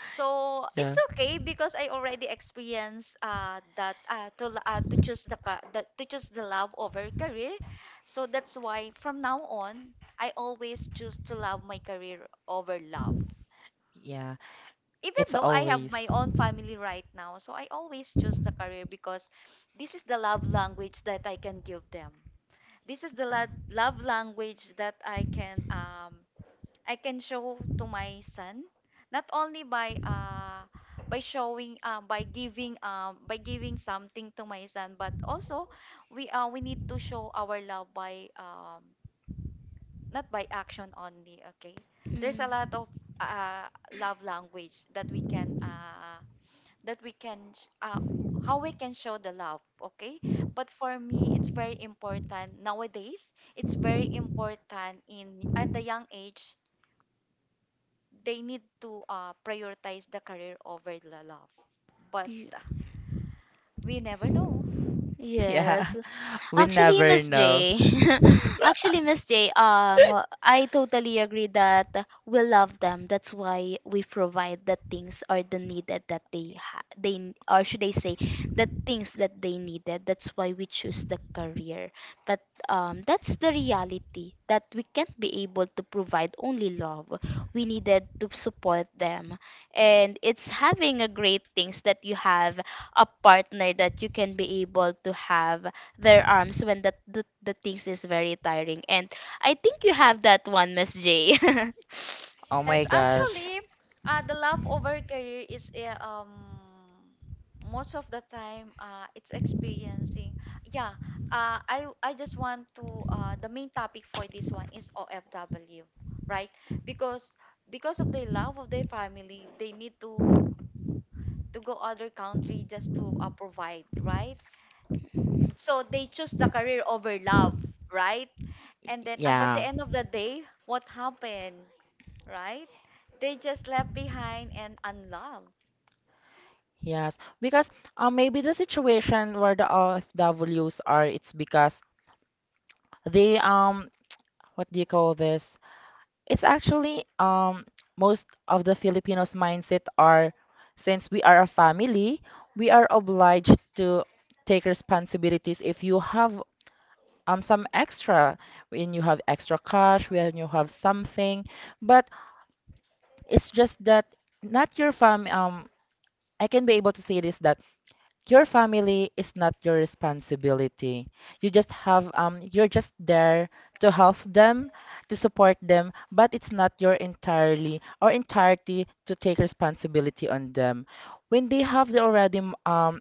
S1: So it's
S3: Yeah.
S1: okay because I already experienced that, to l- to choose the, ca- the to choose the love over career. So that's why from now on I always choose to love my career over love.
S3: Yeah.
S1: Even
S3: It's
S1: though I have
S3: always.
S1: my own family right now, so I always choose the
S3: um,
S1: career because this is the love language that I can give them. This is the love language that I can show to my son, not only by showing by giving something to my son, but also we need to show our love by not by action only. Okay, there's a lot of uh love language that we can how we can show the love, okay? But for me it's very important nowadays, it's very important in at the young age, they need to prioritize the career over the love. But
S2: Mm.
S1: we never know.
S3: Yeah.
S2: Yes.
S3: We
S2: Actually,
S3: never
S2: Miss
S3: know.
S2: J, actually, Miss J, I totally agree that we love them. That's why we provide the things or the needed that they ha- they n- or should I say the things that they needed. That's why we choose the career. But that's the reality that we can't be able to provide only love. We needed to support them, and it's having a great things that you have a partner that you can be able to have their arms when that the things is very tiring, and I think you have that one, Miss J.
S3: Oh my
S1: Yes,
S3: gosh.
S1: actually, the love over career is most of the time it's experiencing. Yeah, I just want to the main topic for this one is OFW, right? Because because of the love of their family, they need to go other country just to provide, right? So they choose the career over love, right?
S3: Y-
S1: And then, but the
S3: Yeah.
S1: end of the day, what happened? Right? They just left behind and unloved.
S3: Yes. Because maybe the situation where the OFWs are, it's because they what do you call this? It's actually most of the Filipinos mindset are since we are a family, we are obliged to take responsibilities if you have some extra when you have extra cash, when you have something. But it's just that not your fam I can be able to say this that your family is not your responsibility. You just have you're just there to help them, to support them, but it's not your entirely or entirety to take responsibility on them. When they have the already um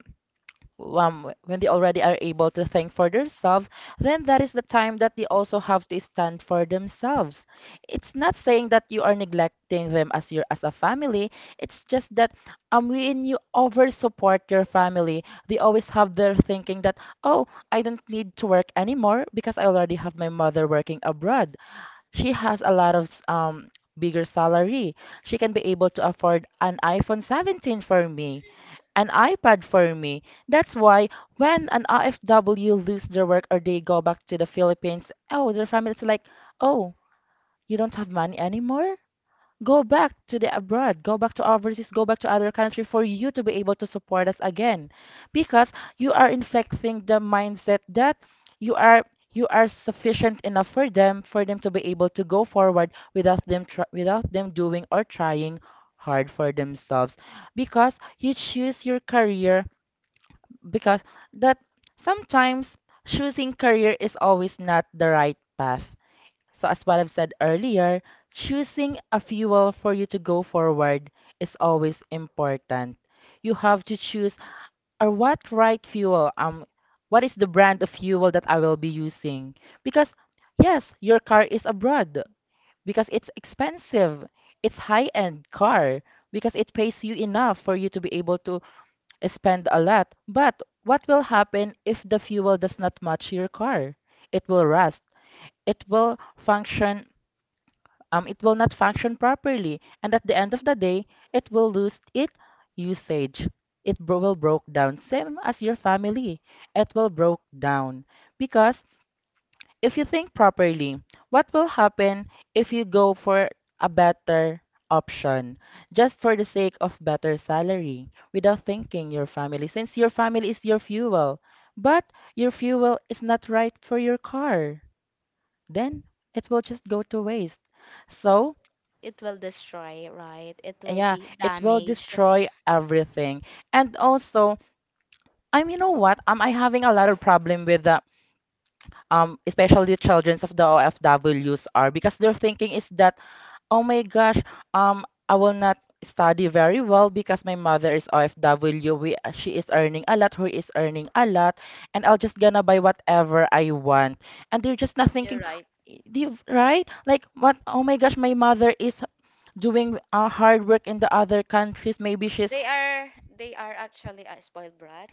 S3: when they already are able to think for themselves, then that is the time that they also have to stand for themselves. It's not saying that you are neglecting them as your as a family. It's just that when you over support your family, they always have their thinking that oh, I don't need to work anymore because I already have my mother working abroad. She has a lot of bigger salary. She can be able to afford an iPhone 17 for me, an iPad for me. That's why when an IFW lose their work or they go back to the Philippines, oh, their family's like, oh, you don't have money anymore? Go back to the abroad, go back to overseas, go back to other country for you to be able to support us again. Because you are inflecting the mindset that you are you are sufficient enough for them to be able to go forward without without them doing or trying hard for themselves because you choose your career because that sometimes choosing career is always not the right path. So as what I've said earlier, choosing a fuel for you to go forward is always important. You have to choose or what right fuel what is the brand of fuel that I will be using? Because yes, your car is abroad because it's expensive. It's high-end car because it pays you enough for you to be able to spend a lot, but what will happen if the fuel does not match your car? It will rust. It will function. It will not function properly, and at the end of the day, it will lose its usage. It will broke down, same as your family. It will broke down because if you think properly, what will happen if you go for a better option just for the sake of better salary without thinking your family since your family is your fuel, but your fuel is not right for your car, then it will just go to waste. So
S2: It will destroy, right? It will
S3: yeah,
S2: be
S3: it will
S2: damage.
S3: destroy everything. And also, I'm you know what I having a lot of problem with the especially the childrens of the ofws are because their thinking is that oh my gosh, I will not study very well because my mother is OFW. We, she is earning a lot, Who is earning a lot, and I'll just gonna buy whatever I want. And they're just not thinking,
S1: You're right.
S3: "Y- di- right? Like what? Oh my gosh, my mother is doing hard work in the other countries. Maybe she's
S1: They are they are actually a spoiled brat.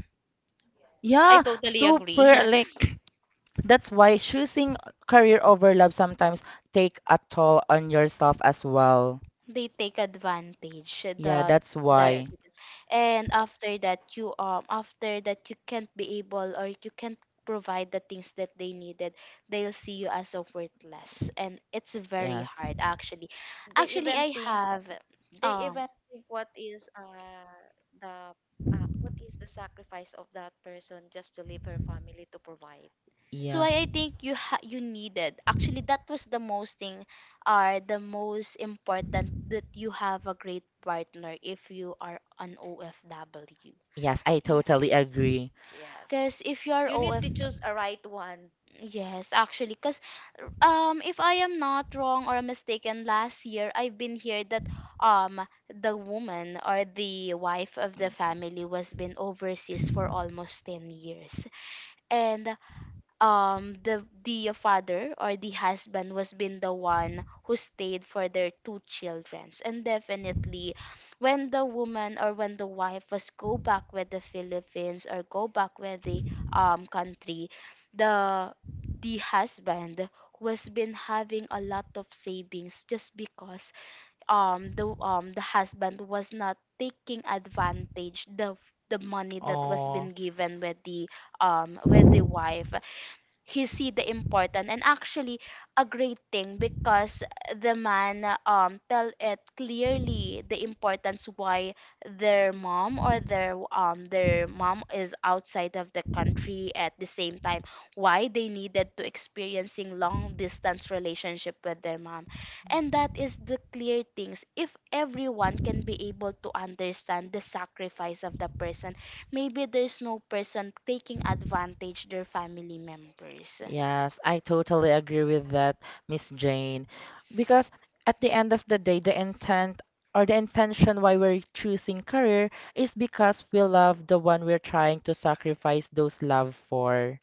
S2: I
S3: yeah,
S2: totally
S3: super
S2: agree.
S3: like." That's why choosing career over love sometimes take a toll on yourself as well.
S2: They take advantage
S3: Yeah,
S2: that
S3: that's
S2: that
S3: why.
S1: Yes.
S2: you can- and after that you can't be able, or you can't provide the things that they needed. They'll see you as a worthless, and it's very
S3: Yes.
S2: hard actually.
S1: They
S2: Actually
S1: even
S2: I
S1: think
S2: have
S1: they
S2: um
S1: even think what is the what is the sacrifice of that person just to leave her family to provide.
S2: that's
S3: Yeah.
S2: why I think you needed, actually, that was the most thing, are the most important that you have a great partner if you are an OFW.
S3: Yes, I totally agree.
S1: Yes.
S2: Because if you're
S1: You need to
S2: OF,
S1: choose a right one.
S2: yes, actually, because if I am not wrong or mistaken, last year I've been here that um the woman, or the wife of the family, was been overseas for almost 10 years, and the father, or the husband, was been the one who stayed for their two children. So, and definitely when the woman, or when the wife was go back with the Philippines, or go back with the country, the the husband was been having a lot of savings, just because the husband was not taking advantage the money that was
S3: Oh.
S2: been given with the wife. He see the important, and actually a great thing because the man tell it clearly the importance why their mom, or their mom is outside of the country, at the same time why they needed to experiencing long distance relationship with their mom. And that is the clear things, if everyone can be able to understand the sacrifice of the person. Maybe there's no person taking advantage their family members.
S3: Yes, I totally agree with that, Miss Jane. Because at the end of the day, the intent or the intention why we're choosing career is because we love the one we're trying to sacrifice those love for.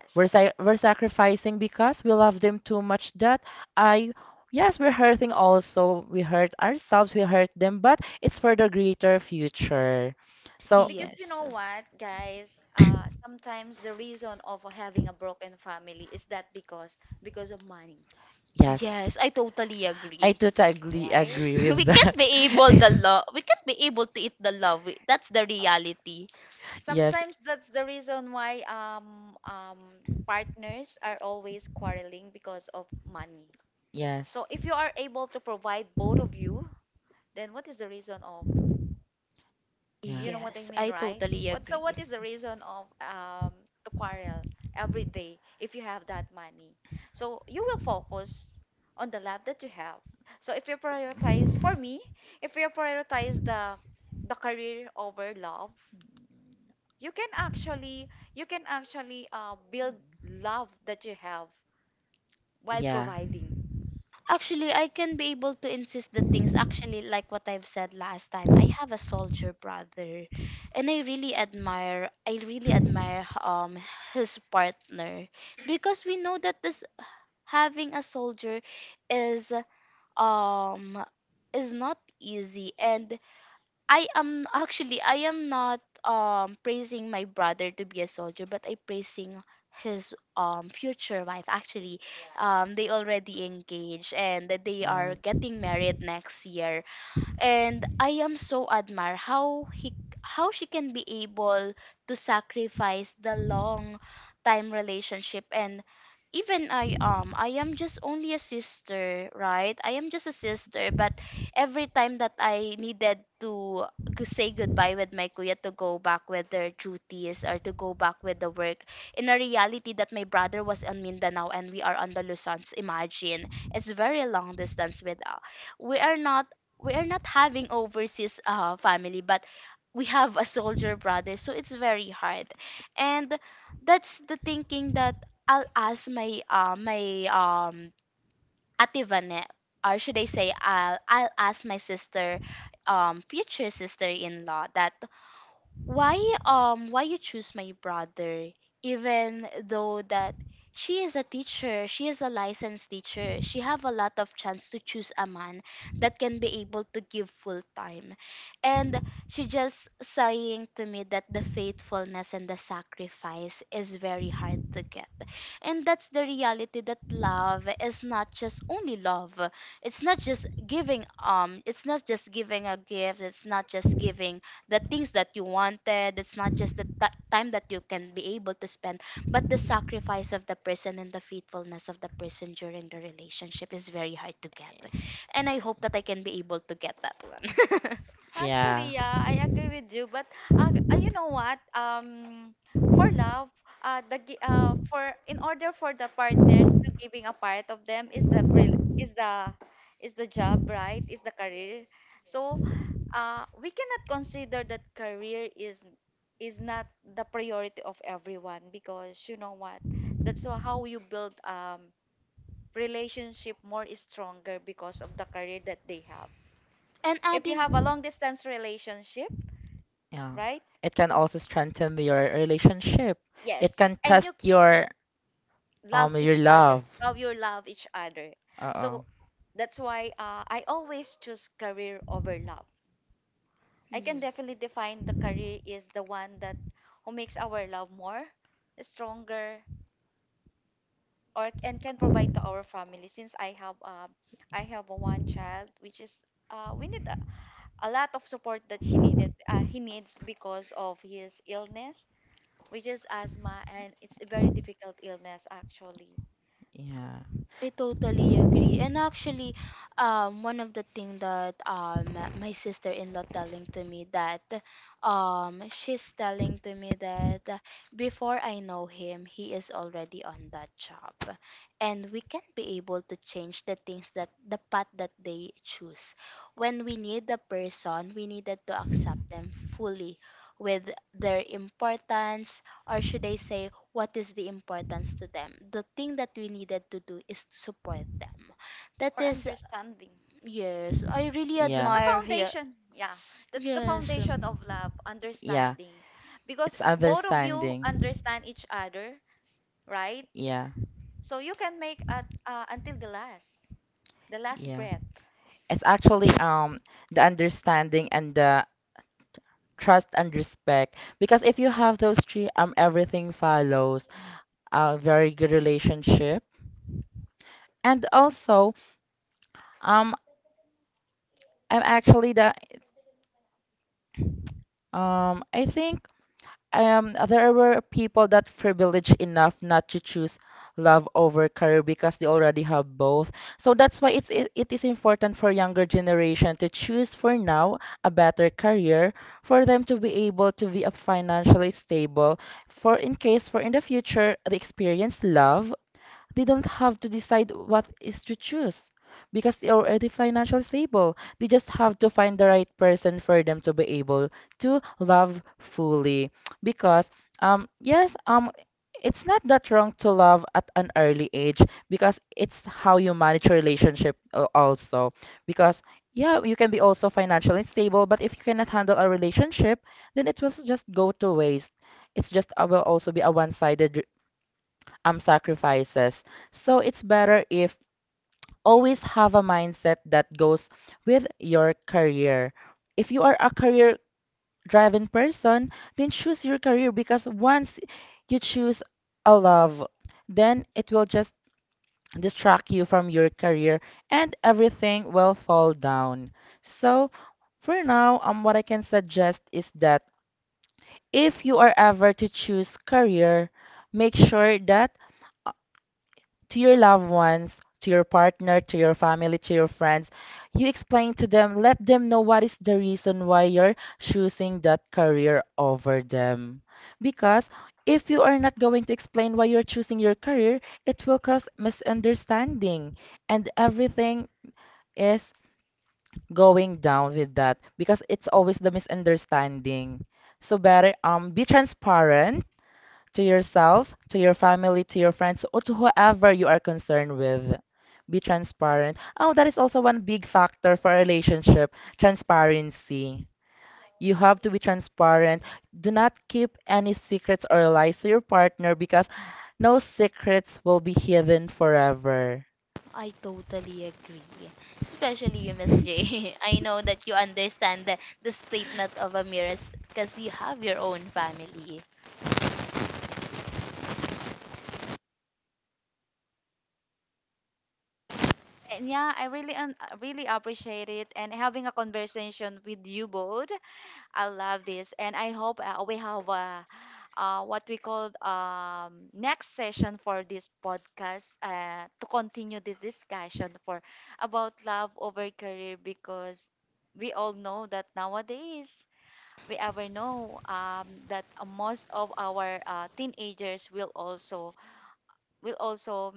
S1: Yes.
S3: We're sacrificing because we love them too much that I, yes, we're hurting also. We hurt ourselves, we hurt them, but it's for the greater future. So,
S1: Because you
S2: Yes.
S1: know what, guys, sometimes the reason of having a broken family is that because of money,
S3: yes.
S2: Yes, I totally
S3: I
S2: agree.
S3: totally
S1: right?
S3: agree
S2: We
S3: with
S2: can't
S3: that.
S2: be able the love. We can't be able to eat the love. That's the
S1: Oh.
S2: reality.
S3: Yes,
S1: Sometimes that's the reason why partners are always quarreling because of money.
S3: yes,
S1: So if you are able to provide both of you, then what is the reason of
S3: yeah,
S1: you know what I
S2: Yes,
S1: mean,
S2: I
S1: right?
S2: totally
S1: What so
S2: agree.
S1: what is the reason of to quarrel every day if you have that money? So you will focus on the love that you have. So if you prioritize for me, if you prioritize the career over love, you can actually you can actually build love that you have while
S3: yeah,
S1: providing.
S2: Actually, I can be able to insist the things actually like what I've said last time. I have a soldier brother, and I really admire his partner, because we know that this having a soldier is um is not easy. And I am not praising my brother to be a soldier, but I praising his future wife. Actually, they already engaged, and that they
S3: mm,
S2: are getting married next year. And I am so admire how he how she can be able to sacrifice the long time relationship. And even I am just only a sister, right? I am just a sister, but every time that I needed to say goodbye with my kuya to go back with their duties, or to go back with the work, in a reality that my brother was on Mindanao and we are on the Luzons, imagine it's very long distance with we are not we are not having overseas family, but we have a soldier brother, so it's very hard. And that's the thinking that I'll ask my ate Vanette, or should I say I'll ask my sister, future sister-in-law, that why why you choose my brother, even though that she is a teacher, she is a licensed teacher. She have a lot of chance to choose a man that can be able to give full time. And she just saying to me that the faithfulness and the sacrifice is very hard to get. And that's the reality that love is not just only love. It's not just giving it's not just giving a gift, it's not just giving the things that you wanted, it's not just the time that you can be able to spend, but the sacrifice of the person and the faithfulness of the person during the relationship is very hard to get. And I hope that I can be able to get that one.
S3: yeah,
S1: Actually, yeah, I agree with you. But you know what? For love, for in order for the partners to giving a part of them is the rel- is the job, right? Is the career. So we cannot consider that career is not the priority of everyone, because you know what? How you build relationship more stronger because of the career that they have.
S2: And
S1: If you
S2: adding,
S1: have a long distance relationship,
S3: yeah.
S1: right?
S3: It can also strengthen your relationship.
S1: Yes.
S3: It can
S1: And
S3: test
S1: you love
S3: your
S1: each other.
S3: love.
S1: How you love each other. So
S3: Uh-oh.
S1: that's why I always choose career over love. I can
S2: mm-hmm.
S1: definitely define the career is the one that who makes our love more stronger or and can provide to our family since I have a one child, which is we need a lot of support that she needed he needs because of his illness, which is asthma, and it's a very difficult illness actually.
S3: Yeah.
S2: I totally agree. And actually, one of the thing that my sister-in-law telling to me that she's telling to me that before I know him, he is already on that job. And we can be able to change the things that the path that they choose. When we need the person, we needed to accept them fully with their importance, or should I say, what is the importance to them, the thing that we needed to do is to support them,
S1: Or
S2: that is,
S1: understanding.
S2: yes, I really
S1: That's
S3: Yeah.
S1: the
S2: admire here.
S1: foundation. Yeah, that's the
S2: Yes,
S1: foundation of love,
S3: Yeah.
S1: understanding. Because
S3: It's
S1: both of you
S3: understanding.
S1: understand each other, right?
S3: Yeah.
S1: So you can make at until the last
S3: Yeah.
S1: breath.
S3: It's actually the understanding and the trust and respect because if you have those three everything follows a very good relationship. And also, um I'm actually the I think there were people that privileged enough not to choose love over career because they already have both. So that's why it is important for younger generation to choose for now a better career for them to be able to be a financially stable for in case for in the future they experience love, they don't have to decide what is to choose because they're already financially stable. They just have to find the right person for them to be able to love fully. Because yes, it's not that wrong to love at an early age because it's how you manage your relationship al- also. Because yeah, you can be also financially stable, but if you cannot handle a relationship, then it will just go to waste. It's just will also be a one-sided sacrifices. So it's better if always have a mindset that goes with your career. If you are a career driven person, then choose your career because once you choose a love, then it will just distract you from your career and everything will fall down. So for now, what I can suggest is that if you are ever to choose career, make sure that to your loved ones, to your partner, to your family, to your friends. You explain to them, let them know what is the reason why you're choosing that career over them. Because if you are not going to explain why you're choosing your career, it will cause misunderstanding and everything is going down with that because it's always the misunderstanding. So better be transparent to yourself, to your family, to your friends, or to whoever you are concerned with. Be transparent. Oh, that is also one big factor for a relationship transparency. You have to be transparent. Do not keep any secrets or lies to your partner because no secrets will be hidden forever.
S2: I totally agree. Especially you, Miss J. I know that you understand the statement of Amiras, because you have your own family.
S1: And yeah, I really really appreciate it and having a conversation with you both. I love this, and I hope we have what we call next session for this podcast to continue this discussion for about love over career because we all know that nowadays we ever know that most of our teenagers will also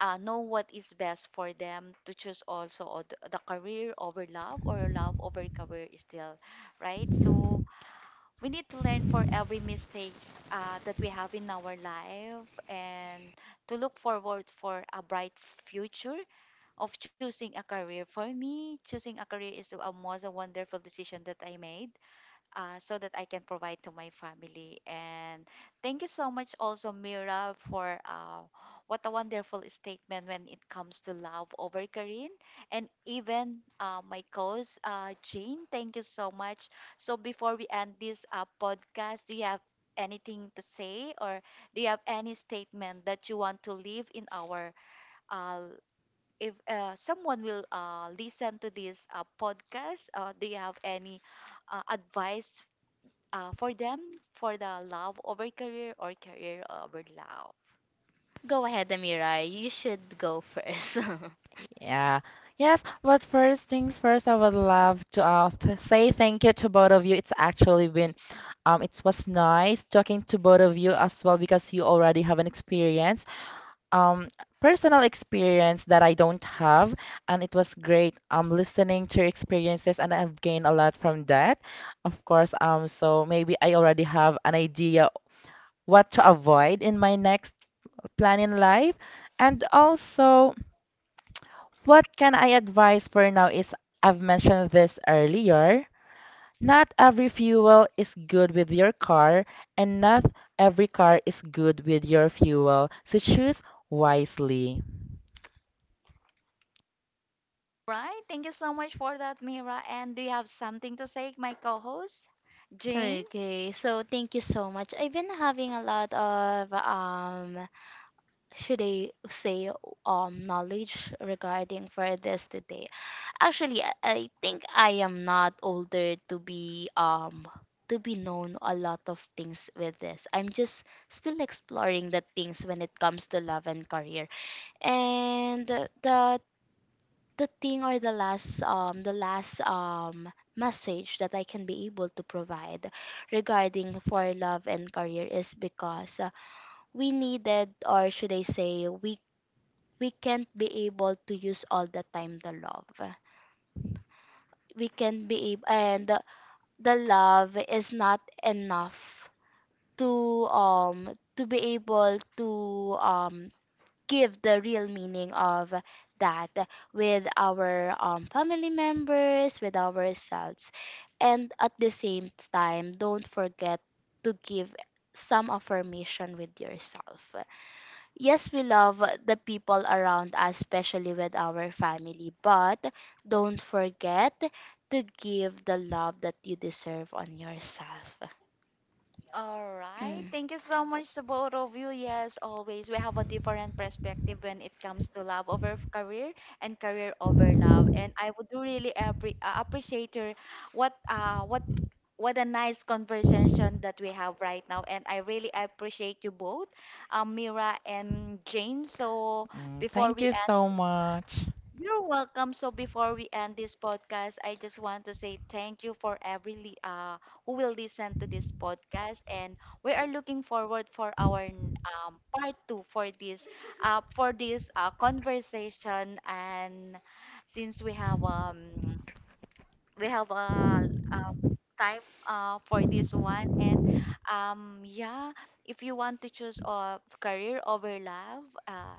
S1: know what is best for them to choose also the career over love or love over career still, right? So we need to learn for every mistakes that we have in our life, and to look forward for a bright future of choosing a career. For me, choosing a career is a most a wonderful decision that I made, so that I can provide to my family. And thank you so much, also, Mira, for what a wonderful statement when it comes to love over Karin. And even my co host, Jane, thank you so much. So, before we end this podcast, do you have anything to say, or do you have any statement that you want to leave in our? Uh, if someone will listen to this podcast, do you have any advice for them, for the love over career or career over love.
S2: Go ahead, Amira. You should go first.
S3: Yeah. Yes, but first thing first, I would love to say thank you to both of you. It's actually been, it was nice talking to both of you as well because you already have an experience, um, personal experience that I don't have, and it was great, listening to your experiences, and I've gained a lot from that. Of course, so maybe I already have an idea what to avoid in my next plan in life, and also. What can I advise for now is I've mentioned this earlier. Not every fuel is good with your car, and not every car is good with your fuel. So choose wisely.
S1: Right? Thank you so much for that, Mira. And do you have something to say, my co host, Jane?
S2: Okay, so thank you so much. I've been having a lot of should I say, knowledge regarding for this today? Actually, I think I am not older to be known a lot of things with this. I'm just still exploring the things when it comes to love and career. And the thing, or the last message that I can be able to provide regarding for love and career is because we needed, or should I say, we can't be able to use all the time the love. We can't be able, and the love is not enough to be able to um give the real meaning of that with our family members, with ourselves, and at the same time, don't forget to give some affirmation with yourself. Yes, we love the people around us, especially with our family, but don't forget to give the love that you deserve on yourself.
S1: All right.
S2: Mm.
S1: Thank you so much to both of you. Yes, always we have a different perspective when it comes to love over career and career over love. And I would really appreciate your what uh what what a nice conversation that we have right now. And I really appreciate you both, Mira and Jane. So
S3: Mm,
S1: before
S3: thank
S1: we
S3: you so much.
S1: you're welcome. So before we end this podcast, I just want to say thank you for every who will listen to this podcast, and we are looking forward for our part two for this conversation. And since we have a uh, time for this one, and yeah, if you want to choose career over love, uh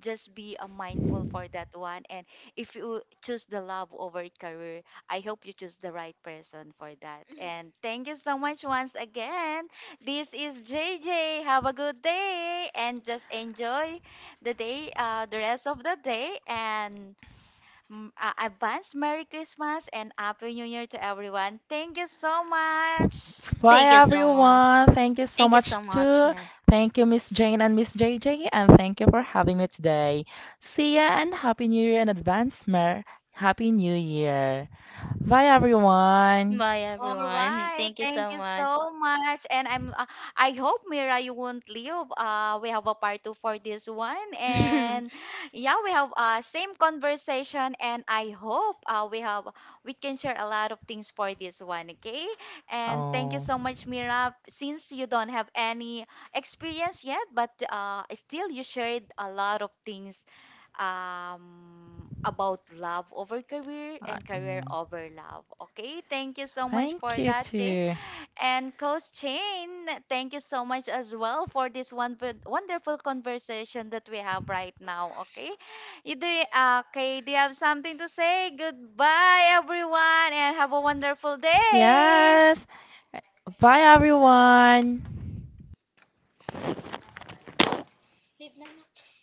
S1: just be mindful for that one. And if you choose the love over career, I hope you choose the right person for that. And thank you so much once again. This is JJ. Have a good day and just enjoy the day, the rest of the day. And mm, advance Merry Christmas and Happy New Year to everyone. Thank you so much.
S3: Bye,
S2: Thank you so much.
S3: everyone. Thank you so
S2: Thank you so
S3: much,
S2: much,
S3: too.
S2: man.
S3: Thank you, Miss Jane and Miss JJ, and thank you for having me today. See ya, and Happy New Year in advance, Mer. Happy New Year. Bye, everyone.
S2: Bye,
S1: All
S2: everyone.
S1: right,
S2: Thank you so
S1: thank you
S2: much.
S1: so much, and I hope Mira you won't leave. We have a part two for this one, and yeah, we have same conversation, and I hope we have we can share a lot of things for this one, okay? And thank you
S3: Oh.
S1: so much, Mira. Since you don't have any experience yet, but still you shared a lot of things about love over career
S3: Uh,
S1: and career
S3: mm,
S1: over love. Okay, thank you so much
S3: Thank
S1: for
S3: you
S1: that, Jay.
S3: too.
S1: And Coach Chain, thank you so much as well for this one wonderful conversation that we have right now. Okay, you do, okay, do you have something to say? Goodbye, everyone, and have a wonderful day.
S3: Yes. Bye everyone.